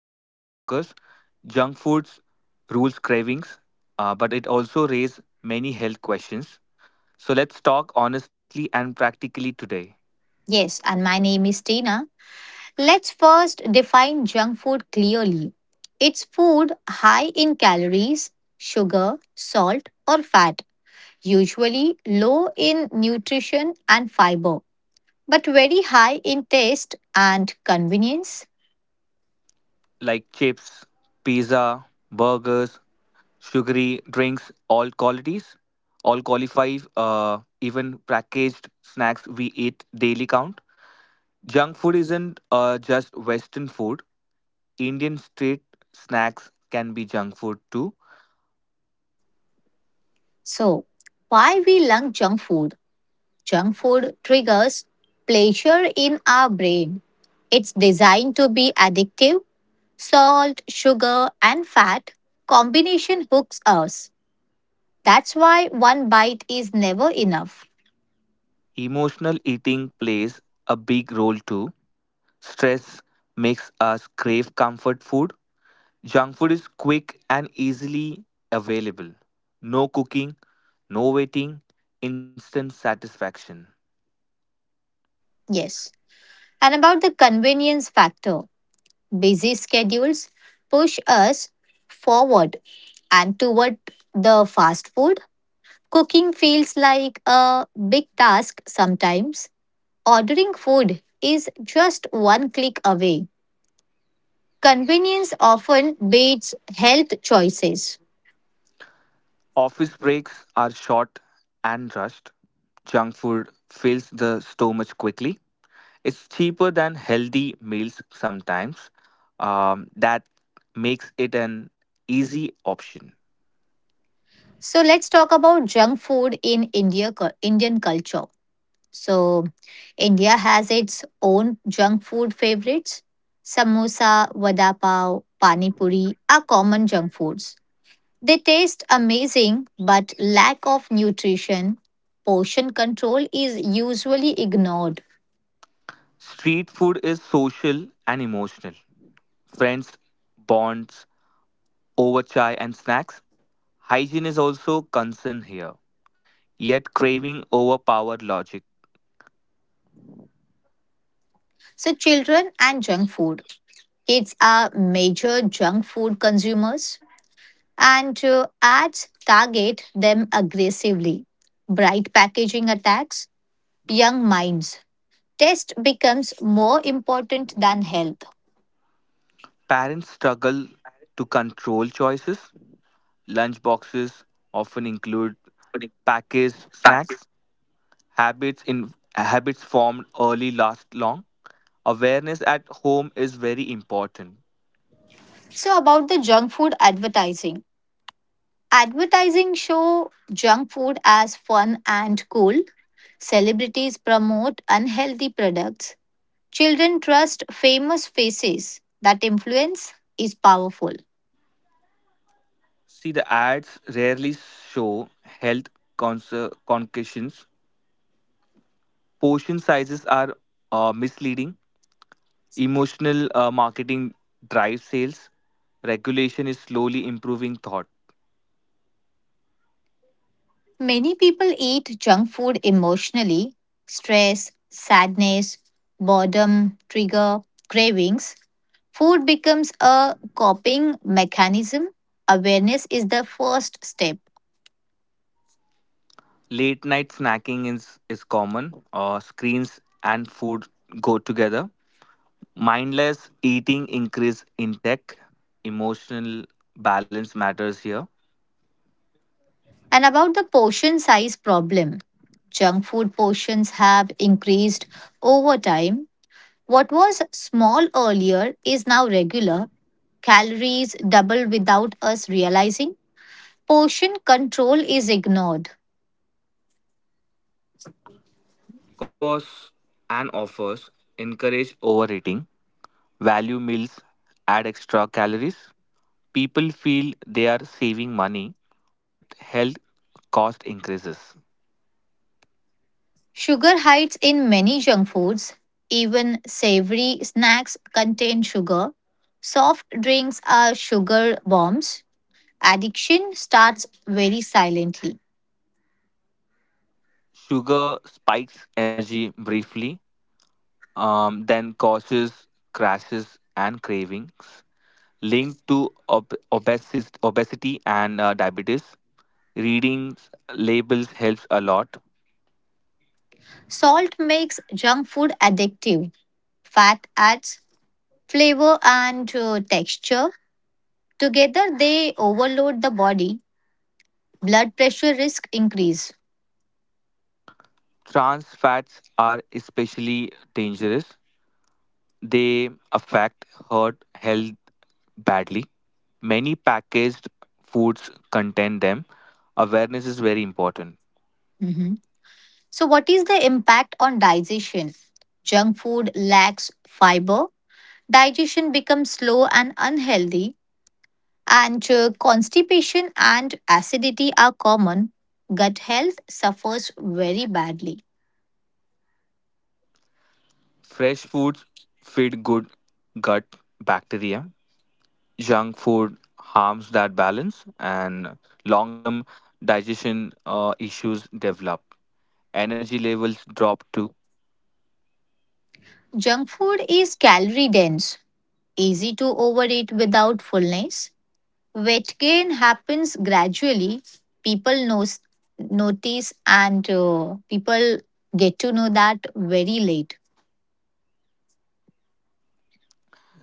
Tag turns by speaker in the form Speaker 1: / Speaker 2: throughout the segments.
Speaker 1: to burgers, junk foods rules cravings, but it also raises many health questions. So let's talk honestly and practically today.
Speaker 2: Yes, and my name is Tina. Let's first define junk food clearly. It's food high in calories, sugar, salt, or fat, usually low in nutrition and fiber but very high in taste and convenience.
Speaker 1: Like chips, pizza, burgers, sugary drinks, all qualities, all qualify, even packaged snacks we eat daily count. Junk food isn't just Western food. Indian street snacks can be junk food too.
Speaker 2: So, why we love junk food? Junk food triggers pleasure in our brain. It's designed to be addictive. Salt, sugar, and fat combination hooks us. That's why one bite is never enough.
Speaker 1: Emotional eating plays a big role too. Stress makes us crave comfort food. Junk food is quick and easily available. No cooking, no waiting, instant satisfaction.
Speaker 2: Yes. And about the convenience factor, busy schedules push us forward and toward the fast food. Cooking feels like a big task sometimes. Ordering food is just one click away. Convenience often beats health choices.
Speaker 1: Office breaks are short and rushed. Junk food fills the stomach quickly. It's cheaper than healthy meals sometimes. That makes it an easy option.
Speaker 2: So let's talk about junk food in India Indian culture. So India has its own junk food favorites. Samosa, vada pav, pani puri are common junk foods. They taste amazing, but lack of nutrition, portion control is usually ignored.
Speaker 1: Street food is social and emotional. Friends, bonds, over chai and snacks. Hygiene is also concern here. Yet craving overpowered logic.
Speaker 2: So, children and junk food. Kids are major junk food consumers, and ads target them aggressively. Bright packaging attacks young minds. Taste becomes more important than health.
Speaker 1: Parents struggle to control choices. Lunch boxes often include packaged snacks. Habits in habits formed early last long. Awareness at home is very important.
Speaker 2: So, about the junk food advertising. Advertising show junk food as fun and cool. Celebrities promote unhealthy products. Children trust famous faces. That influence is powerful.
Speaker 1: See, the ads rarely show health concussions. Portion sizes are misleading. Emotional marketing drives sales. Regulation is slowly improving thought.
Speaker 2: Many people eat junk food emotionally. Stress, sadness, boredom trigger cravings. Food becomes a coping mechanism. Awareness is the first step.
Speaker 1: Late night snacking is common. Screens and food go together. Mindless eating increase intake. Emotional balance matters here.
Speaker 2: And about the portion size problem, junk food portions have increased over time. What was small earlier is now regular. Calories double without us realizing. Portion control is ignored.
Speaker 1: Combos and offers encourage overeating, value meals, add extra calories. People feel they are saving money, but health cost increases.
Speaker 2: Sugar hides in many junk foods. Even savory snacks contain sugar. Soft drinks are sugar bombs. Addiction starts very silently.
Speaker 1: Sugar spikes energy briefly, then causes crashes and cravings linked to obesity and diabetes. Reading labels helps a lot.
Speaker 2: Salt makes junk food addictive. Fat adds flavor and texture. Together, they overload the body. Blood pressure risk increase.
Speaker 1: Trans fats are especially dangerous. They affect heart health badly. Many packaged foods contain them. Awareness is very important.
Speaker 2: Mhm. So, what is the impact on digestion? Junk food lacks fiber. Digestion becomes slow and unhealthy. And constipation and acidity are common. Gut health suffers very badly.
Speaker 1: Fresh foods feed good gut bacteria. Junk food harms that balance, and long term digestion issues develop. Energy levels drop too.
Speaker 2: Junk food is calorie dense, easy to overeat without fullness. Weight gain happens gradually. People knows, notice and people get to know that very late.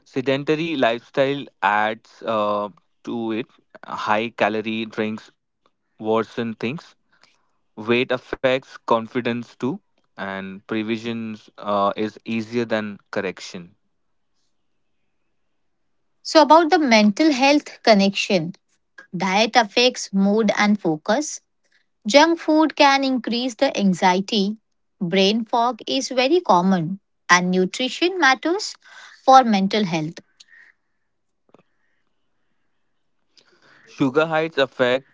Speaker 1: Sedentary lifestyle adds to it. High calorie drinks worsen things. Weight affects confidence too, and previsions is easier than correction.
Speaker 2: So, about the mental health connection, diet affects mood and focus. Junk food can increase the anxiety. Brain fog is very common, and nutrition matters for mental health.
Speaker 1: Sugar highs affect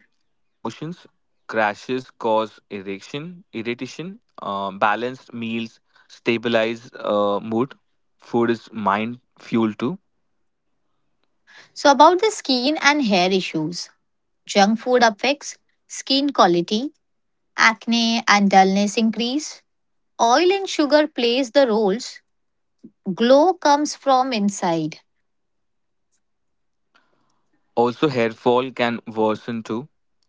Speaker 1: emotions. Crashes cause erection irritation. Balanced meals stabilize mood. Food is mind fuel too.
Speaker 2: So, about the skin and hair issues, junk food affects skin quality, acne and dullness increase. Oil and sugar plays the roles, glow comes from inside,
Speaker 1: Also hair fall can worsen too.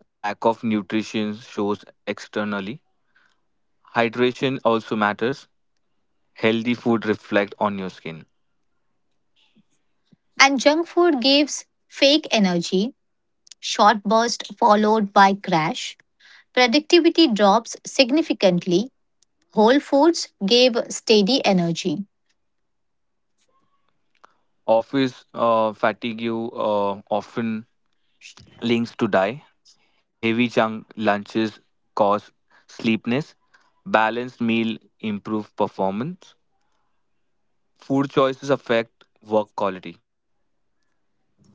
Speaker 1: Lack of nutrition shows externally. Hydration also matters. Healthy food reflect on your skin.
Speaker 2: and junk food gives fake energy, short burst followed by crash. Productivity drops significantly. Whole foods gave steady energy.
Speaker 1: Office fatigue often links to die. Heavy chunk lunches cause sleepiness. Balanced meal improve performance. Food choices affect work quality.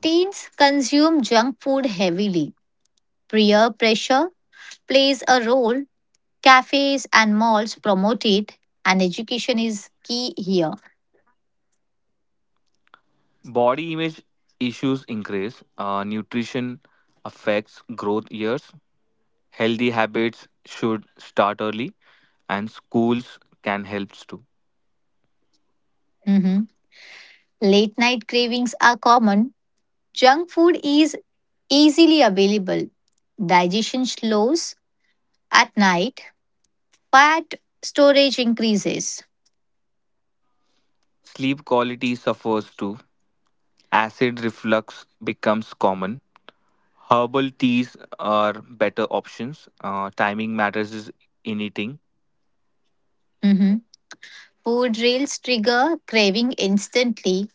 Speaker 2: Teens consume junk food heavily. Peer pressure plays a role. Cafes and malls promote it, and education is key here.
Speaker 1: Body image issues increase. Nutrition affects growth years. Healthy habits should start early, and schools can help too.
Speaker 2: Mhm. Late night cravings are common. Junk food is easily available. Digestion slows at night, fat storage increases.
Speaker 1: Sleep quality suffers too. Acid reflux becomes common. Herbal teas are better options. Timing matters is in eating.
Speaker 2: Mhm. Food reels trigger craving instantly,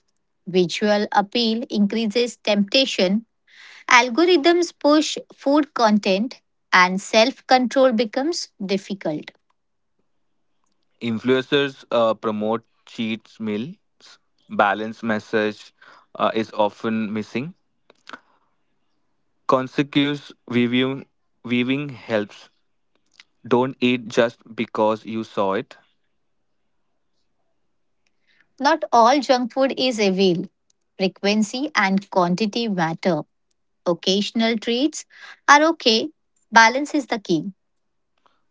Speaker 2: visual appeal increases temptation, algorithms push food content, and self control becomes difficult.
Speaker 1: Influencers promote cheat meals. Balance message is often missing. Consequence viewing, Viewing helps. Don't eat just because you saw it.
Speaker 2: Not all junk food is evil. Frequency and quantity matter. Occasional treats are okay. Balance is the key.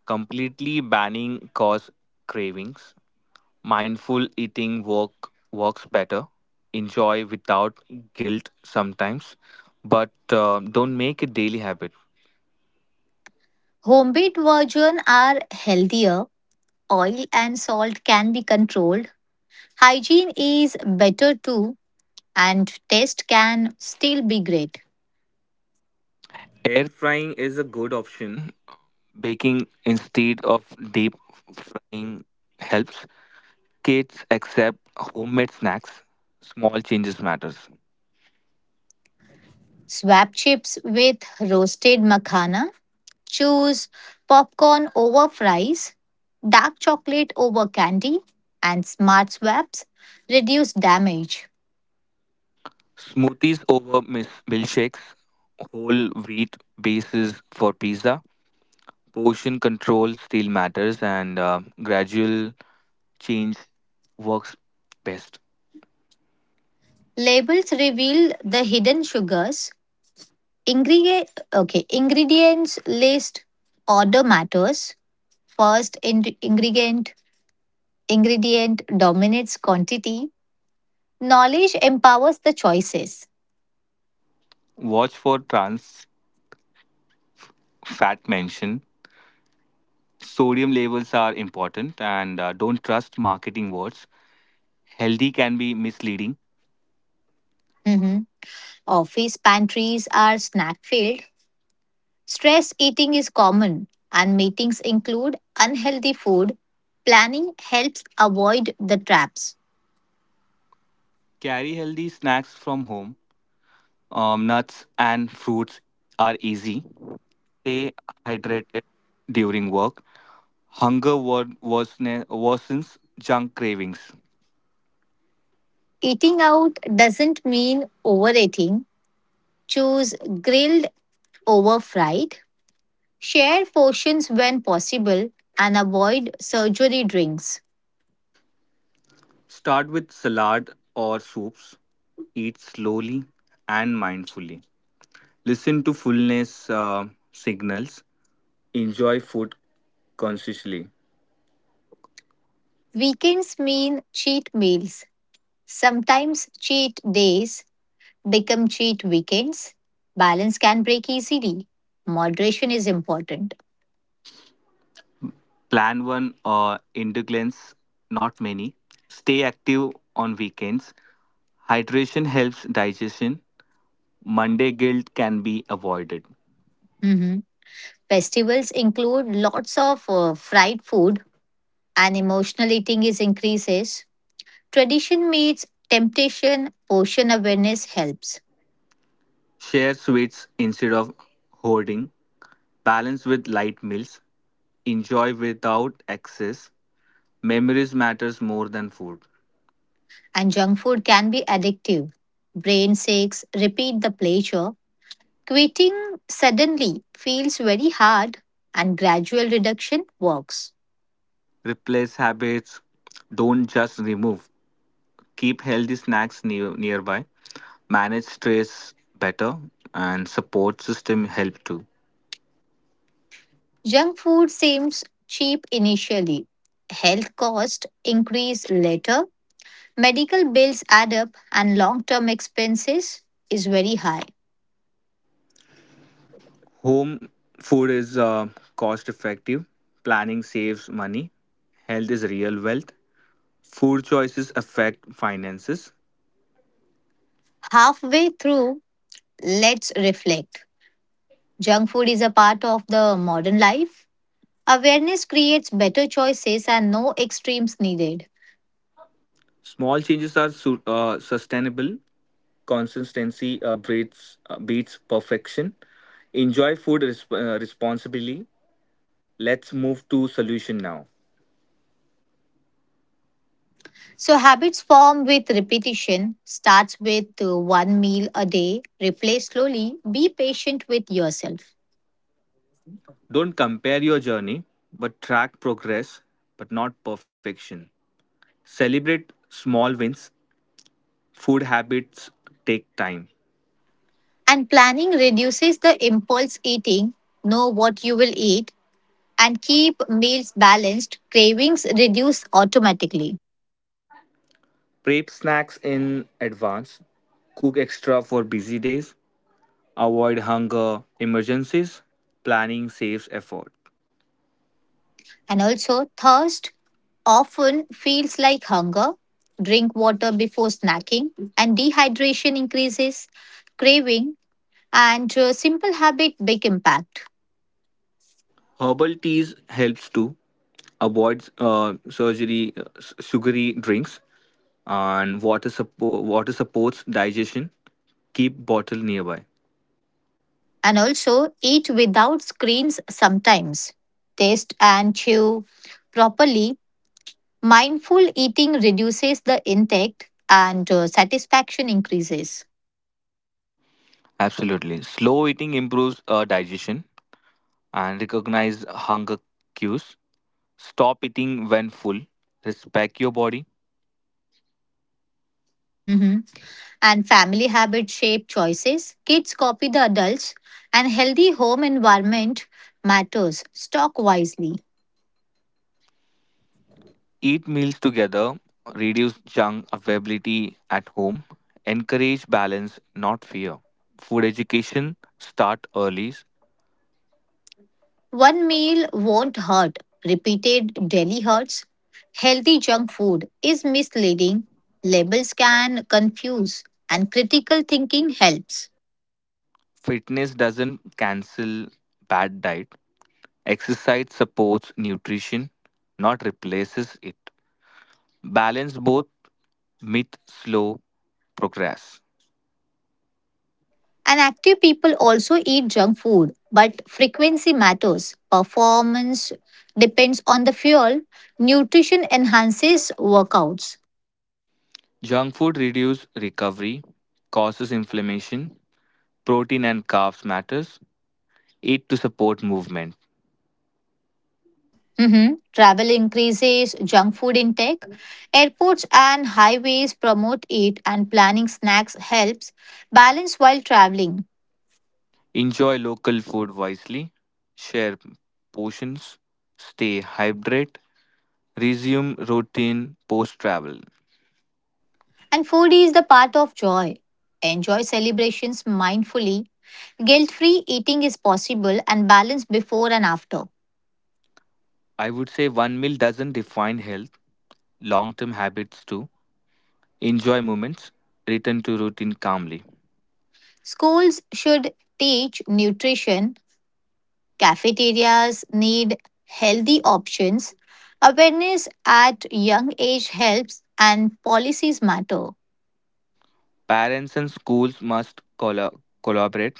Speaker 1: Completely banning cause cravings. Mindful eating works better. Enjoy without guilt sometimes, but don't make a daily habit.
Speaker 2: Homemade versions are healthier, oil and salt can be controlled, hygiene is better too, and taste can still be great.
Speaker 1: Air frying is a good option. Baking instead of deep frying helps. Kids accept homemade snacks. Small changes matters.
Speaker 2: Swap chips with roasted makhana, choose popcorn over fries, dark chocolate over candy, and smart swaps reduce damage.
Speaker 1: Smoothies over milkshakes. Whole wheat bases for pizza. Portion control still matters, and gradual change works best.
Speaker 2: Labels reveal the hidden sugars. Ingredient, okay, ingredients list order matters. Ingredient ingredient dominates quantity. Knowledge empowers the choices.
Speaker 1: Watch for trans fat mention. Sodium levels are important, and don't trust marketing words. Healthy can be misleading.
Speaker 2: Mhm. Office pantries are snack filled. Stress eating is common, and meetings include unhealthy food. Planning helps avoid the traps.
Speaker 1: Carry healthy snacks from home. Nuts and fruits are easy. Stay hydrated during work. Hunger worsens junk cravings.
Speaker 2: Eating out doesn't mean overeating. Choose grilled over fried. Share portions when possible and avoid surgery drinks.
Speaker 1: Start with salad or soups. Eat slowly and mindfully. Listen to fullness signals. Enjoy food consciously.
Speaker 2: Weekends mean cheat meals. Sometimes cheat days become cheat weekends. Balance can break easily. Moderation is important.
Speaker 1: Plan one indulgence, not many. Stay active on weekends. Hydration helps digestion. Monday guilt can be avoided.
Speaker 2: Mhm. Festivals include lots of fried food and emotional eating is increases. Tradition meets temptation, portion awareness helps.
Speaker 1: Share sweets instead of hoarding. Balance with light meals. Enjoy without excess. Memories matters more than food.
Speaker 2: And junk food can be addictive. Brain sakes, repeat the pleasure. Quitting suddenly feels very hard and gradual reduction works.
Speaker 1: Replace habits. Don't just remove. Keep healthy snacks nearby. Manage stress better, and support system help too.
Speaker 2: Junk food seems cheap initially. Health costs increase later. Medical bills add up and long-term expenses is very high.
Speaker 1: Home food is cost effective. Planning saves money. Health is real wealth. Food choices affect finances.
Speaker 2: Halfway through, let's reflect. Junk food is a part of the modern life. Awareness creates better choices and no extremes needed.
Speaker 1: Small changes are sustainable. Consistency beats perfection. Enjoy food responsibly. Let's move to solution now.
Speaker 2: So habits form with repetition. Starts with one meal a day. Replace slowly. Be patient with yourself.
Speaker 1: Don't compare your journey, but track progress, but not perfection. Celebrate small wins. Food habits take time.
Speaker 2: And planning reduces the impulse eating. Know what you will eat and keep meals balanced. Cravings reduce automatically.
Speaker 1: Prep snacks in advance. Cook extra for busy days. Avoid hunger emergencies. Planning saves effort.
Speaker 2: And also thirst often feels like hunger. Drink water before snacking and dehydration increases craving and simple habit big impact.
Speaker 1: Herbal teas helps to avoid surgery sugary drinks, and water supports digestion. Keep bottle nearby.
Speaker 2: And also eat without screens sometimes. Taste and chew properly. Mindful eating reduces the intake and satisfaction increases.
Speaker 1: Absolutely, slow eating improves digestion, and recognize hunger cues. Stop eating when full. Respect your body.
Speaker 2: Mhm. And family habit shape choices. Kids copy the adults, and healthy home environment matters. Stock wisely.
Speaker 1: Eat meals together, reduce junk availability at home, encourage balance, not fear. Food education, start early.
Speaker 2: One meal won't hurt. Repeated daily hurts. Healthy junk food is misleading. Labels can confuse, and critical thinking helps.
Speaker 1: Fitness doesn't cancel bad diet. Exercise supports nutrition, not replaces it. Balance both, myth slow progress.
Speaker 2: And active people also eat junk food, but frequency matters. Performance depends on the fuel. Nutrition enhances workouts.
Speaker 1: Junk food reduce recovery, causes inflammation, protein and carbs matters. Eat to support movement.
Speaker 2: Mhm. Travel increases junk food intake. Airports and highways promote it, and planning snacks helps balance while traveling.
Speaker 1: Enjoy local food wisely, share portions, stay hydrated, resume routine post travel.
Speaker 2: And food is the part of joy. Enjoy celebrations mindfully. Guilt free eating is possible and balance before and after.
Speaker 1: I would say one meal doesn't define health, long term habits do. Enjoy moments, return to routine calmly.
Speaker 2: Schools should teach nutrition. Cafeterias need healthy options. Awareness at young age helps, and policies matter.
Speaker 1: Parents and schools must collaborate,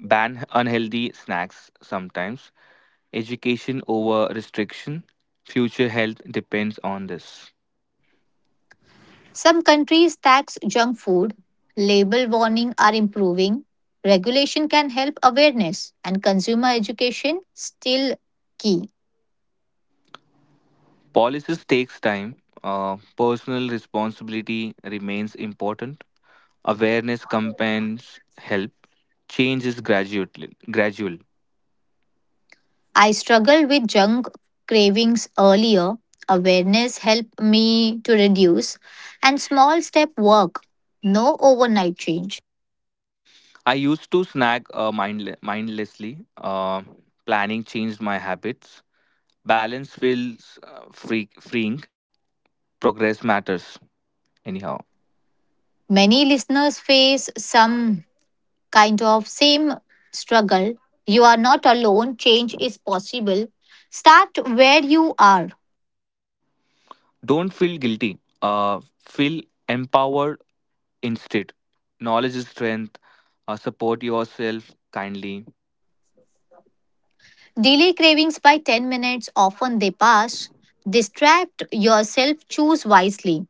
Speaker 1: ban unhealthy snacks sometimes, education over restriction. Future health depends on this.
Speaker 2: Some countries tax junk food, label warning are improving, regulation can help awareness, and consumer education still key.
Speaker 1: Policies takes time. Personal responsibility remains important. Awareness campaigns help. Change is gradual. Gradual.
Speaker 2: I struggled with junk cravings earlier. Awareness helped me to reduce, and small step work, no overnight change.
Speaker 1: I used to snag mindlessly. Uh, Planning changed my habits. Balance feels freeing. Progress matters. Anyhow,
Speaker 2: Many listeners face some kind of same struggle. You are not alone, change is possible. Start where you are.
Speaker 1: don't feel guilty. Feel empowered instead. Knowledge is strength. Support yourself kindly.
Speaker 2: Delay cravings by 10 minutes, often they pass. Distract yourself, choose wisely.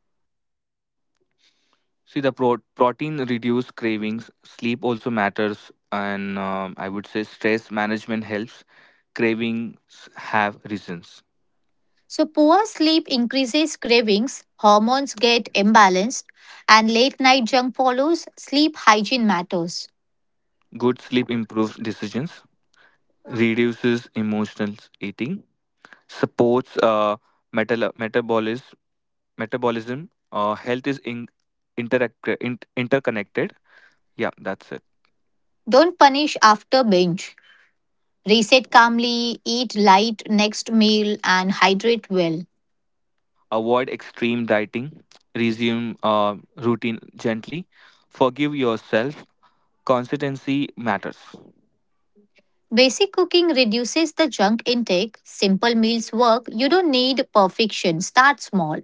Speaker 1: See, the protein reduce cravings. Sleep also matters, and I would say stress management helps. Cravings have reasons.
Speaker 2: So, poor sleep increases cravings, hormones get imbalanced, and late night junk follows. Sleep hygiene matters.
Speaker 1: Good sleep improves decisions, reduces emotional eating, supports metabolism. Metabolism. Health is interconnected. Yeah, that's it.
Speaker 2: Don't punish after binge. Reset calmly, eat light next meal, and hydrate well.
Speaker 1: Avoid extreme dieting. Resume routine gently. Forgive yourself. Consistency matters.
Speaker 2: Basic cooking reduces the junk intake. Simple meals work. You don't need perfection. Start small.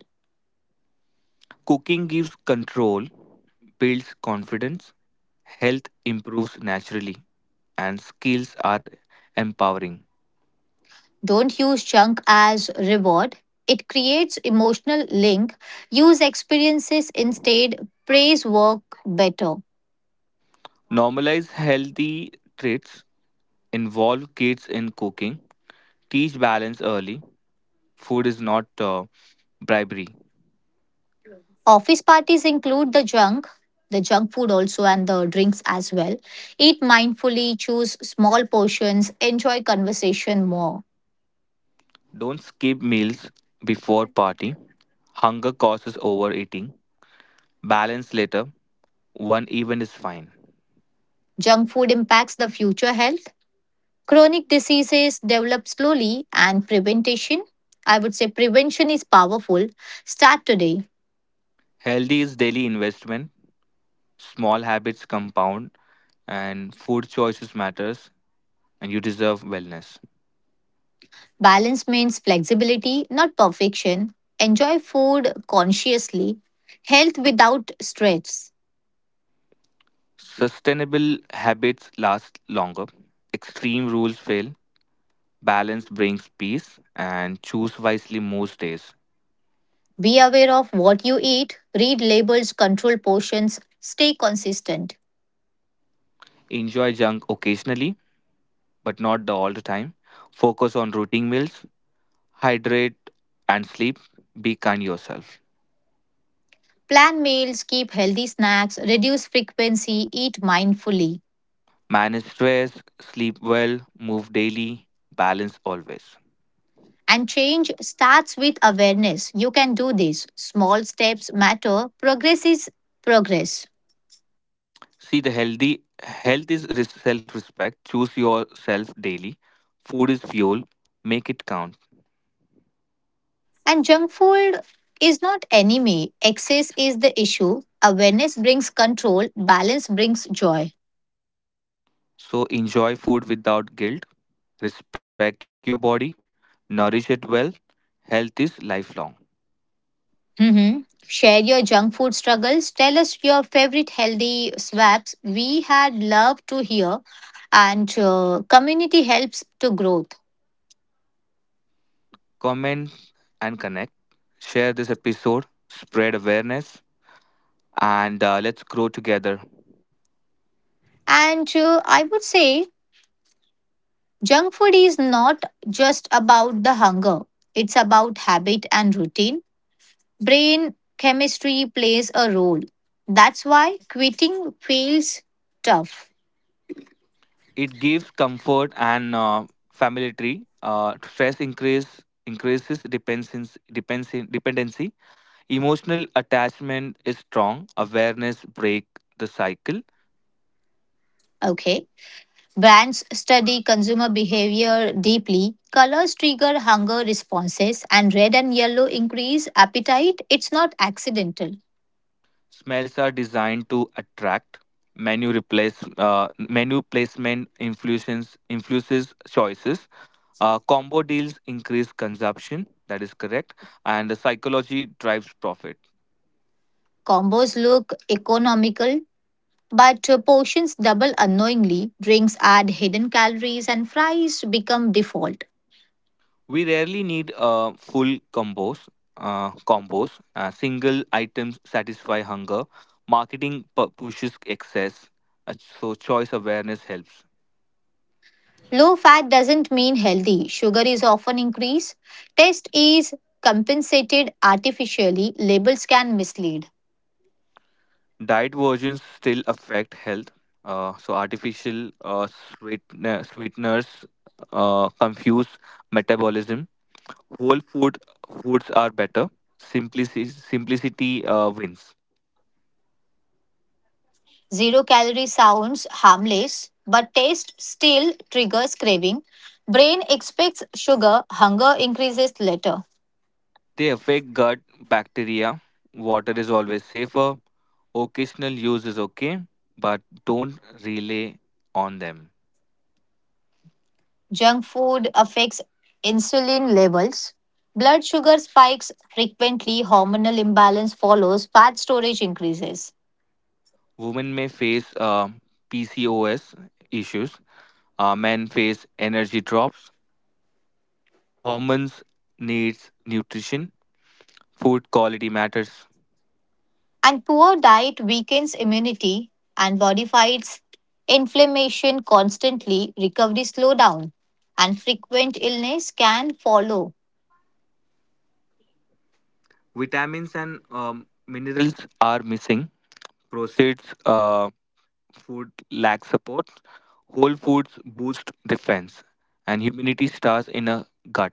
Speaker 1: Cooking gives control, builds confidence, health improves naturally, and skills are empowering.
Speaker 2: Don't use junk as reward. It creates emotional link. Use experiences instead. Praise work better.
Speaker 1: Normalize healthy traits, involve kids in cooking, teach balance early. Food is not bribery.
Speaker 2: Office parties include the junk food also and the drinks as well. Eat mindfully, choose small portions, enjoy conversation more.
Speaker 1: Don't skip meals before party. Hunger causes overeating. Balance later. One even is fine.
Speaker 2: Junk food impacts the future health. Chronic diseases develop slowly and prevention. I would say prevention is powerful. Start today.
Speaker 1: Healthy is daily investment. Small habits compound, and food choices matters, and you deserve wellness.
Speaker 2: Balance means flexibility, not perfection. Enjoy food consciously. Health without stress.
Speaker 1: Sustainable habits last longer, extreme rules fail, balance brings peace, and choose wisely most days.
Speaker 2: Be aware of what you eat. Read labels, control portions. Stay consistent.
Speaker 1: Enjoy junk occasionally, but not the all the time. Focus on routine meals, hydrate and sleep, be kind yourself.
Speaker 2: Plan meals, keep healthy snacks, reduce frequency, eat mindfully.
Speaker 1: Manage stress, sleep well, move daily, balance always.
Speaker 2: And change starts with awareness. You can do this. Small steps matter. Progress is progress.
Speaker 1: See the healthy health is self respect. Choose yourself daily. Food is fuel, make it count.
Speaker 2: And junk food is not enemy. Excess is the issue. Awareness brings control. Balance brings joy.
Speaker 1: So enjoy food without guilt, respect your body, nourish it well. Health is lifelong.
Speaker 2: Mhm. Share your junk food struggles. Tell us your favorite healthy swaps. We had love to hear, and community helps to growth.
Speaker 1: Comment and connect. Share this episode, spread awareness, and let's grow together.
Speaker 2: And I would say junk food is not just about the hunger. It's about habit and routine. Brain chemistry plays a role. That's why quitting feels tough.
Speaker 1: It gives comfort and familiarity. Stress increases dependence, dependency. Emotional attachment is strong. Awareness break the cycle.
Speaker 2: Okay. Brands study consumer behavior deeply. Colors trigger hunger responses, and red and yellow increase appetite. It's not accidental.
Speaker 1: Smells are designed to attract. Menu placement influences choices. Combo deals increase consumption. That is correct. And the psychology drives profit.
Speaker 2: Combos look economical, but portions double unknowingly. Drinks add hidden calories, and fries become default.
Speaker 1: We rarely need full combos. Single items satisfy hunger. Marketing pushes excess. Uh, so choice awareness helps.
Speaker 2: Low fat doesn't mean healthy. Sugar is often increased. Taste is compensated artificially. Labels can mislead.
Speaker 1: Diet versions still affect health. So artificial sweeteners confuse metabolism. Whole food foods are better. Simplicity wins.
Speaker 2: Zero calorie sounds harmless, but taste still triggers craving. Brain expects sugar, hunger increases later.
Speaker 1: They affect gut bacteria. Water is always safer. Occasional use is okay, but don't rely on them.
Speaker 2: Junk food affects insulin levels. Blood sugar spikes frequently, hormonal imbalance follows, fat storage increases.
Speaker 1: Women may face PCOS issues. Men face energy drops. Hormones needs nutrition, food quality matters.
Speaker 2: And poor diet weakens immunity and body fights inflammation constantly, recovery slow down, and frequent illness can follow.
Speaker 1: Vitamins and minerals are missing. Processed food lacks support. Whole foods boost defense, and humidity starts in a gut.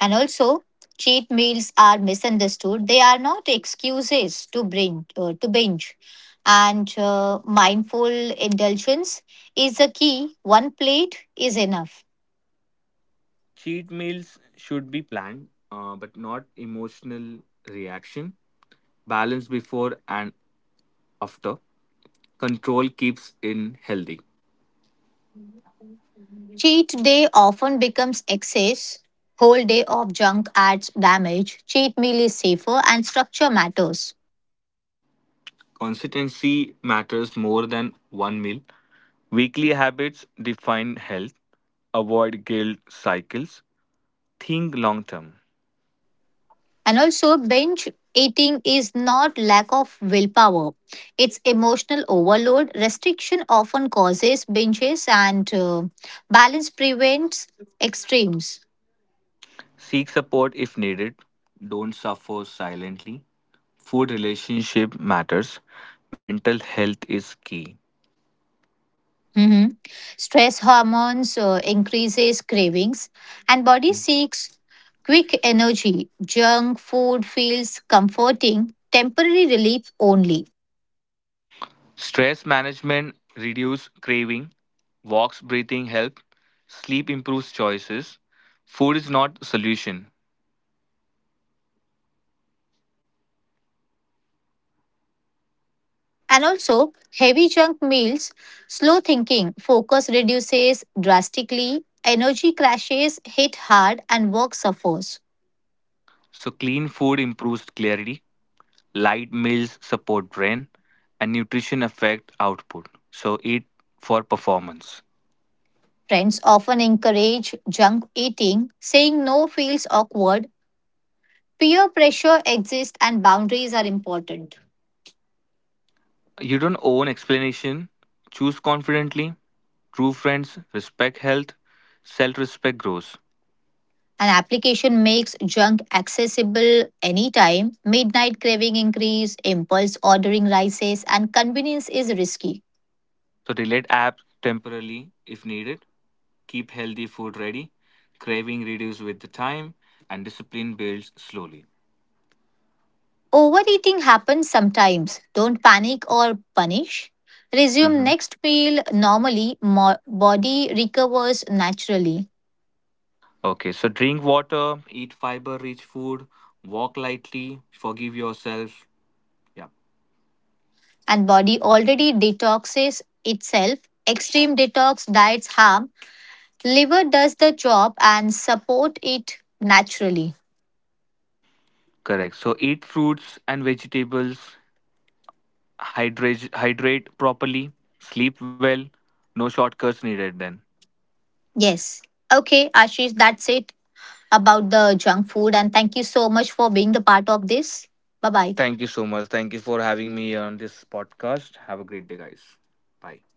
Speaker 2: And also, cheat meals are misunderstood. They are not excuses to bring to binge. And mindful indulgence is the key. One plate is enough.
Speaker 1: Cheat meals should be planned, but not emotional reaction. Balance before and after. Control keeps in healthy.
Speaker 2: Cheat day often becomes excess. Whole day of junk adds damage. Cheat meal is safer and structure matters.
Speaker 1: Consistency matters more than one meal. Weekly habits define health. Avoid guilt cycles. Think long term.
Speaker 2: And also, binge eating is not lack of willpower, it's emotional overload. Restriction often causes binges, and balance prevents extremes.
Speaker 1: Seek support if needed. Don't suffer silently. Food relationship matters. Mental health is key.
Speaker 2: Mhm. Stress hormones increases cravings, and body seeks quick energy. Junk food feels comforting, temporary relief only.
Speaker 1: Stress management reduce craving. Walks breathing help. Sleep improves choices. Food is not a solution.
Speaker 2: And also, heavy junk meals, slow thinking, focus reduces drastically, energy crashes hit hard, and work suffers.
Speaker 1: So clean food improves clarity. Light meals support brain and nutrition affect output. So eat for performance.
Speaker 2: Friends often encourage junk eating, saying no feels awkward. Peer pressure exists, and boundaries are important.
Speaker 1: You don't owe an explanation. Choose confidently. True friends, respect health, self respect grows.
Speaker 2: An application makes junk accessible anytime. Midnight craving increase, impulse ordering rises, and convenience is risky.
Speaker 1: So, delete apps temporarily if needed. Keep healthy food ready. Craving reduces with the time, and discipline builds slowly.
Speaker 2: Overeating happens sometimes. Don't panic or punish. Resume
Speaker 1: Mhm.
Speaker 2: next meal normally. Body recovers naturally,
Speaker 1: Okay, so drink water, eat fiber rich food, walk lightly, forgive yourself. Yeah,
Speaker 2: and body already detoxes itself. Extreme detox diets harm. Liver does the job and support it naturally.
Speaker 1: correct. So, eat fruits and vegetables, hydrate properly, sleep well. No shortcuts needed then.
Speaker 2: Yes. Okay, Ashish, that's it about the junk food. And thank you so much for being the part of this. Bye bye.
Speaker 1: Thank you so much. Thank you for having me on this podcast. Have a great day, guys. Bye.